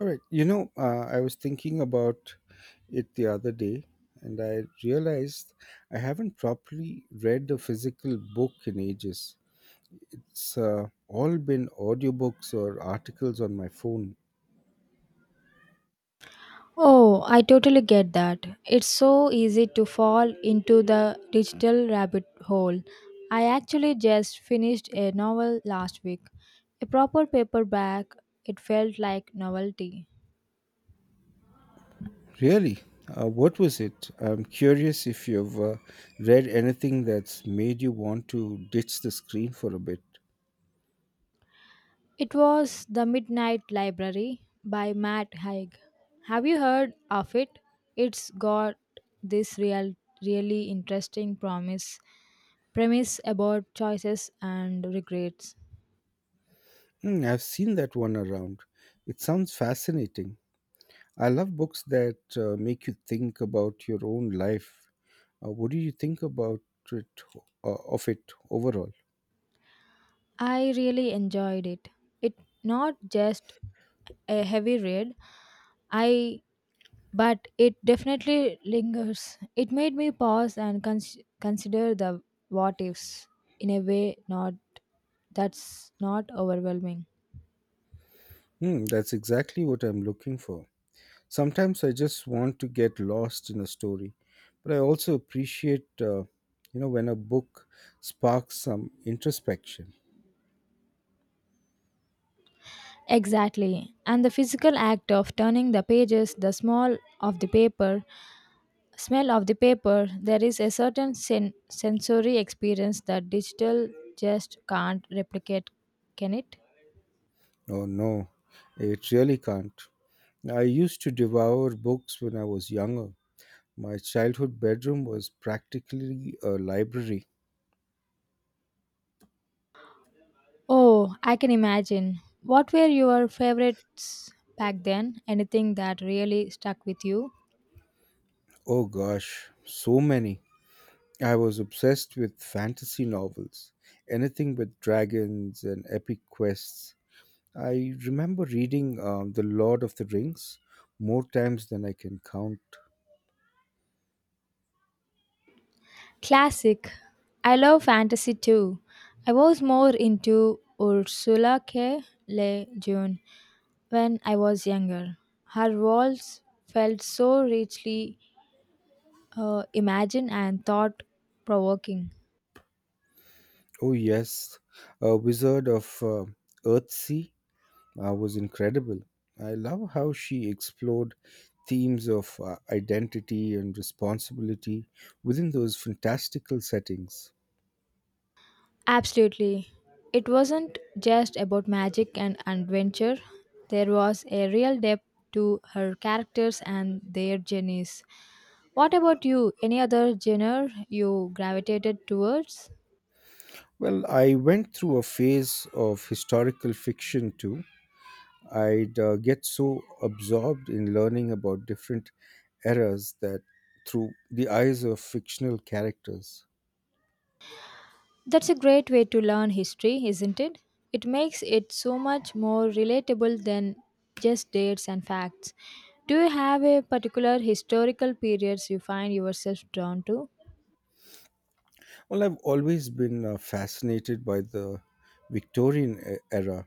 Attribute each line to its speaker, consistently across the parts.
Speaker 1: All right. I was thinking about it the other day and I realized I haven't properly read a physical book in ages. It's all been audiobooks or articles on my phone.
Speaker 2: Oh, I totally get that. It's so easy to fall into the digital rabbit hole. I actually just finished a novel last week. A proper paperback, it felt like novelty.
Speaker 1: Really? What was it? I'm curious if you've read anything that's made you want to ditch the screen for a bit.
Speaker 2: It was The Midnight Library by Matt Haig. Have you heard of it? It's got this really interesting promise premise about choices and regrets.
Speaker 1: Hmm, I've seen that one around. It sounds fascinating. I love books that make you think about your own life. What do you think about it of it overall?
Speaker 2: I really enjoyed it. It not just a heavy read, I but it definitely lingers. It made me pause and consider the what ifs in a way not that's not overwhelming.
Speaker 1: Hmm, that's exactly what I'm looking for. Sometimes I just want to get lost in a story, but I also appreciate, when a book sparks some introspection.
Speaker 2: Exactly. And the physical act of turning the pages, the smell of the paper, there is a certain sensory experience that digital just can't replicate, can it?
Speaker 1: Oh no, it really can't. I used to devour books when I was younger. My childhood bedroom was practically a library.
Speaker 2: Oh, I can imagine. What were your favorites back then? Anything that really stuck with you?
Speaker 1: Oh gosh, so many. I was obsessed with fantasy novels, anything with dragons and epic quests. I remember reading The Lord of the Rings more times than I can count.
Speaker 2: Classic. I love fantasy too. I was more into Ursula K. Le Guin when I was younger. Her worlds felt so richly imagined and thought provoking.
Speaker 1: Oh, yes, A Wizard of Earthsea was incredible. I love how she explored themes of identity and responsibility within those fantastical settings.
Speaker 2: Absolutely. It wasn't just about magic and adventure, there was a real depth to her characters and their journeys. What about you? Any other genre you gravitated towards?
Speaker 1: Well, I went through a phase of historical fiction too. I'd get so absorbed in learning about different eras that through the eyes of fictional characters.
Speaker 2: That's a great way to learn history, isn't it? It makes it so much more relatable than just dates and facts. Do you have a particular historical periods you find yourself drawn to?
Speaker 1: Well, I've always been fascinated by the era,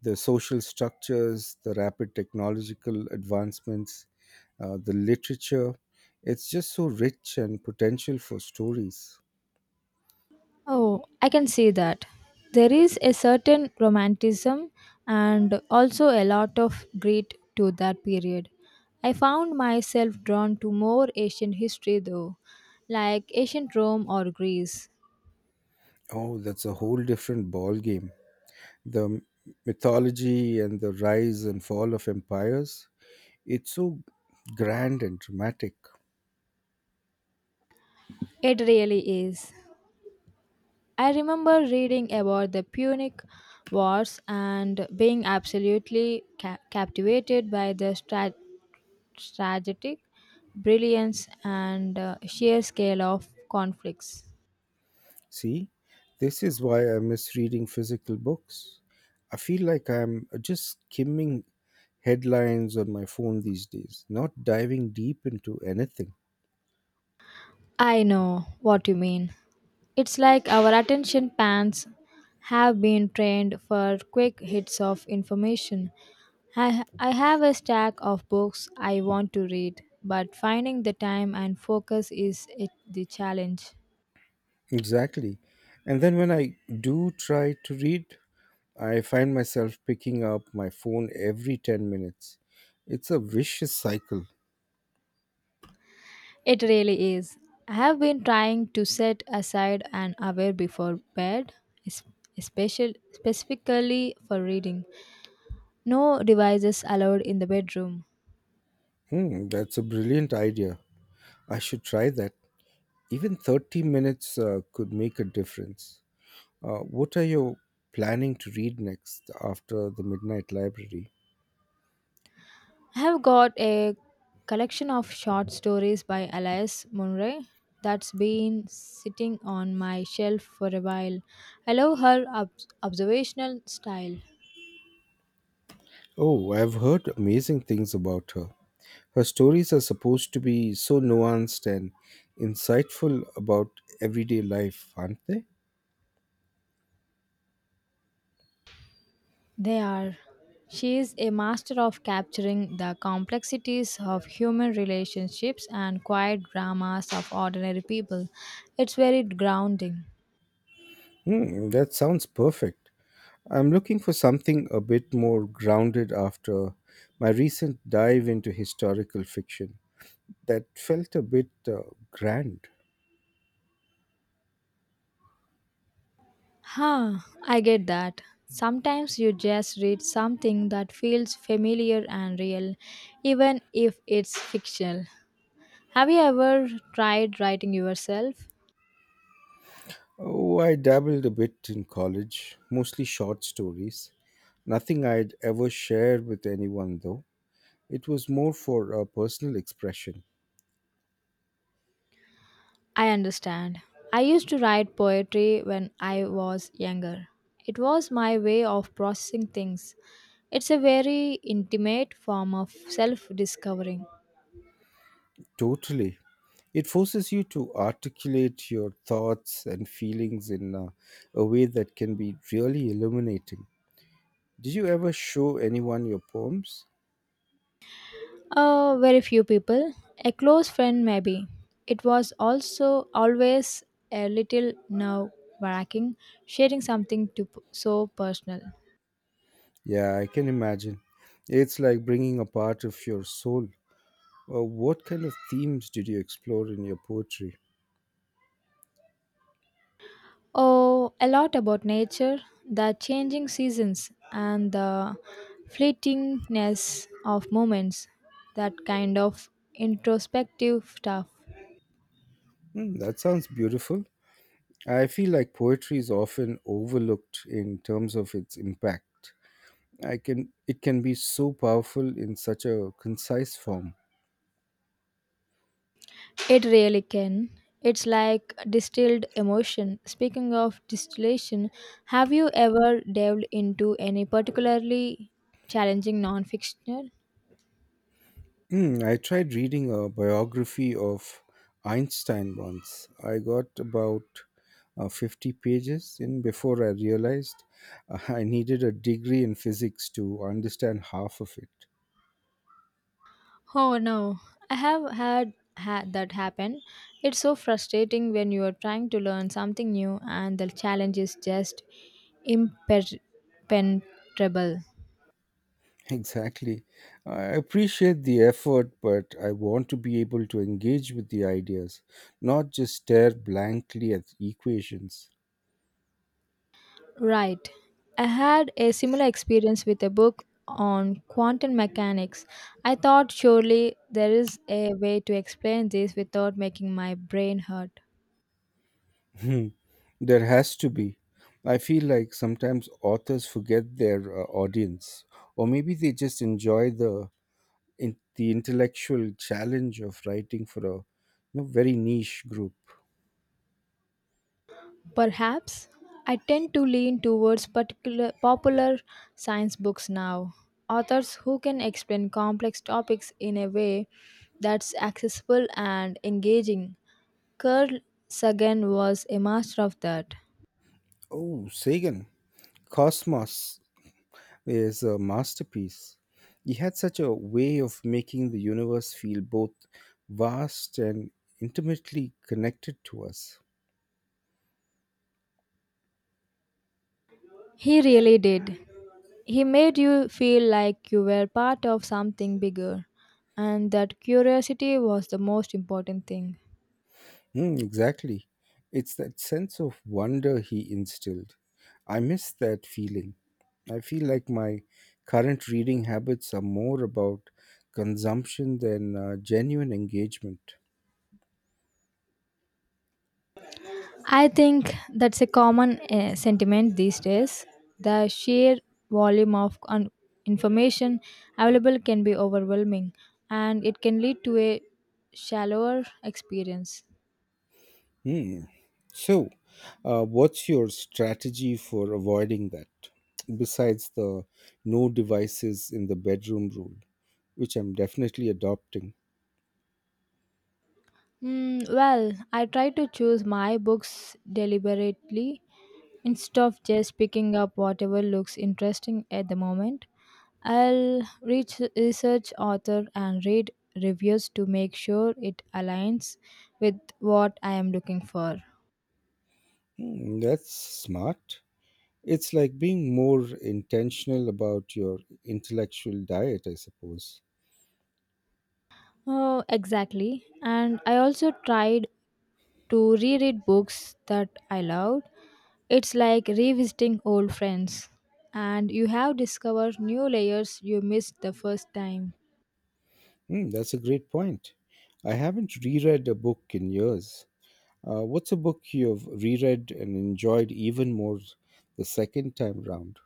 Speaker 1: the social structures, the rapid technological advancements, the literature. It's just so rich and potential for stories.
Speaker 2: Oh, I can see that. There is a certain romanticism and also a lot of grit to that period. I found myself drawn to more ancient history though, like ancient Rome or Greece.
Speaker 1: Oh, that's a whole different ball game. The mythology and the rise and fall of empires. It's so grand and dramatic.
Speaker 2: It really is. I remember reading about the Punic Wars and being absolutely captivated by the strategic brilliance and sheer scale of conflicts.
Speaker 1: See, this is why I miss reading physical books. I feel like I'm just skimming headlines on my phone these days, not diving deep into anything.
Speaker 2: I know what you mean. It's like our attention spans have been trained for quick hits of information. I have a stack of books I want to read, but finding the time and focus is it the challenge.
Speaker 1: Exactly. And then when I do try to read, I find myself picking up my phone every 10 minutes. It's a vicious cycle.
Speaker 2: It really is. I have been trying to set aside an hour before bed, es- especially specifically for reading. No devices allowed in the bedroom.
Speaker 1: Hmm, that's a brilliant idea. I should try that. Even 30 minutes could make a difference. What are you planning to read next after the Midnight Library?
Speaker 2: I have got a collection of short stories by Elias Munro that's been sitting on my shelf for a while. I love her observational style.
Speaker 1: Oh, I've heard amazing things about her. Her stories are supposed to be so nuanced and insightful about everyday life, aren't they?
Speaker 2: They are. She is a master of capturing the complexities of human relationships and quiet dramas of ordinary people. It's very grounding.
Speaker 1: Hmm, that sounds perfect. I'm looking for something a bit more grounded after my recent dive into historical fiction that felt a bit grand.
Speaker 2: Huh, I get that. Sometimes you just read something that feels familiar and real, even if it's fictional. Have you ever tried writing yourself?
Speaker 1: Oh, I dabbled a bit in college, mostly short stories. Nothing I'd ever share with anyone, though. It was more for a personal expression.
Speaker 2: I understand. I used to write poetry when I was younger. It was my way of processing things. It's a very intimate form of self discovering.
Speaker 1: Totally. It forces you to articulate your thoughts and feelings in a way that can be really illuminating. Did you ever show anyone your poems?
Speaker 2: Very few people. A close friend, maybe. It was also always a little nerve wracking sharing something so personal.
Speaker 1: Yeah, I can imagine. It's like bringing a part of your soul. What kind of themes did you explore in your poetry?
Speaker 2: Oh, a lot about nature, the changing seasons, and the fleetingness of moments. That kind of introspective stuff.
Speaker 1: Hmm, that sounds beautiful. I feel like poetry is often overlooked in terms of its impact. I can it can be so powerful in such a concise form.
Speaker 2: It really can. It's like distilled emotion. Speaking of distillation, have you ever delved into any particularly challenging non-fictional?
Speaker 1: Hmm, I tried reading a biography of Einstein once. I got about 50 pages in before I realized, I needed a degree in physics to understand half of it.
Speaker 2: Oh no, I have had that happen. It's so frustrating when you are trying to learn something new and the challenge is just impenetrable.
Speaker 1: Exactly. I appreciate the effort, but I want to be able to engage with the ideas, not just stare blankly at equations.
Speaker 2: Right. I had a similar experience with a book on quantum mechanics. I thought surely there is a way to explain this without making my brain hurt.
Speaker 1: Hmm, there has to be. I feel like sometimes authors forget their audience, or maybe they just enjoy the the intellectual challenge of writing for a very niche group.
Speaker 2: Perhaps I tend to lean towards particular popular science books now. Authors who can explain complex topics in a way that's accessible and engaging. Carl Sagan was a master of that.
Speaker 1: Oh, Sagan, Cosmos is a masterpiece. He had such a way of making the universe feel both vast and intimately connected to us.
Speaker 2: He really did. He made you feel like you were part of something bigger, and that curiosity was the most important thing.
Speaker 1: Mm, exactly. It's that sense of wonder he instilled. I miss that feeling. I feel like my current reading habits are more about consumption than genuine engagement.
Speaker 2: I think that's a common sentiment these days. The sheer volume of information available can be overwhelming, and it can lead to a shallower experience.
Speaker 1: Hmm. So, what's your strategy for avoiding that? Besides the no devices in the bedroom rule, which I'm definitely adopting.
Speaker 2: Mm, well, I try to choose my books deliberately instead of just picking up whatever looks interesting at the moment. I'll reach research author and read reviews to make sure it aligns with what I am looking for.
Speaker 1: Hmm, that's smart. It's like being more intentional about your intellectual diet, I suppose.
Speaker 2: Oh, exactly. And I also tried to reread books that I loved. It's like revisiting old friends, and you have discovered new layers you missed the first time.
Speaker 1: Hmm, that's a great point. I haven't reread a book in years. What's a book you've reread and enjoyed even more the second time round?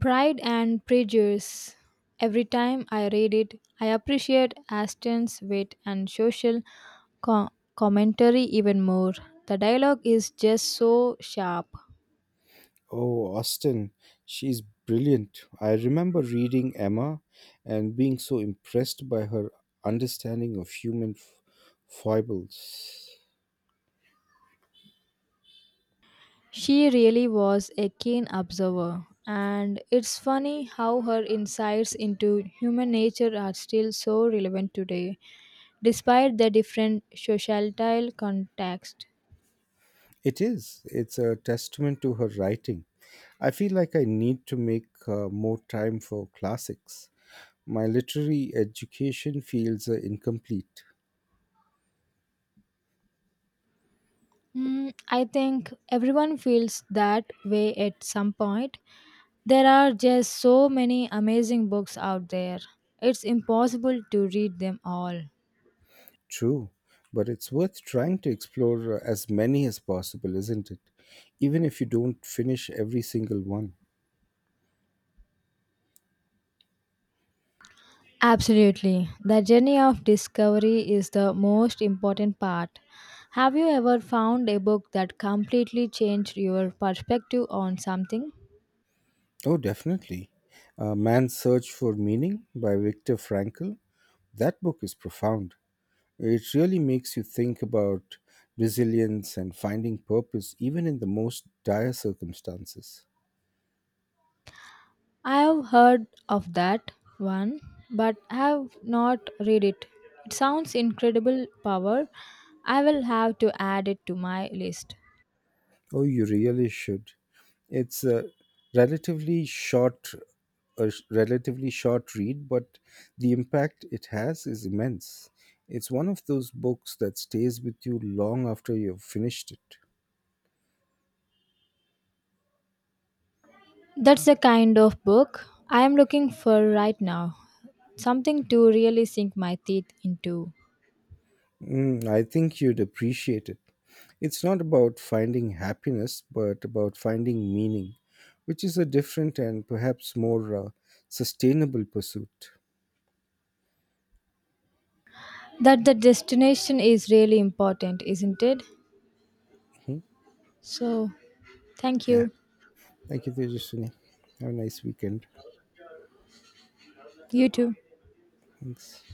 Speaker 2: Pride and Prejudice. Every time I read it, I appreciate Aston's wit and social co- commentary even more. The dialogue is just so sharp.
Speaker 1: Oh, Austen, she's brilliant. I remember reading Emma and being so impressed by her understanding of foibles.
Speaker 2: She really was a keen observer, and it's funny how her insights into human nature are still so relevant today, despite the different societal context.
Speaker 1: It is. It's a testament to her writing. I feel like I need to make more time for classics. My literary education feels incomplete.
Speaker 2: Mm, I think everyone feels that way at some point. There are just so many amazing books out there. It's impossible to read them all.
Speaker 1: True, but it's worth trying to explore as many as possible, isn't it? Even if you don't finish every single one.
Speaker 2: Absolutely. The journey of discovery is the most important part. Have you ever found a book that completely changed your perspective on something?
Speaker 1: Oh, definitely. Man's Search for Meaning by Viktor Frankl. That book is profound. It really makes you think about resilience and finding purpose even in the most dire circumstances.
Speaker 2: I have heard of that one, but have not read it. It sounds incredible power. I will have to add it to my list.
Speaker 1: Oh, you really should. It's a relatively short relatively short read, but the impact it has is immense. It's one of those books that stays with you long after you've finished it.
Speaker 2: That's the kind of book I am looking for right now. Something to really sink my teeth into.
Speaker 1: Mm, I think you'd appreciate it. It's not about finding happiness, but about finding meaning, which is a different and perhaps more sustainable pursuit.
Speaker 2: That the destination is really important, isn't it?
Speaker 1: Mhm.
Speaker 2: So, thank
Speaker 1: Yeah.
Speaker 2: you.
Speaker 1: Thank you, Tejaswini. Have a nice weekend.
Speaker 2: You too.
Speaker 1: Thanks.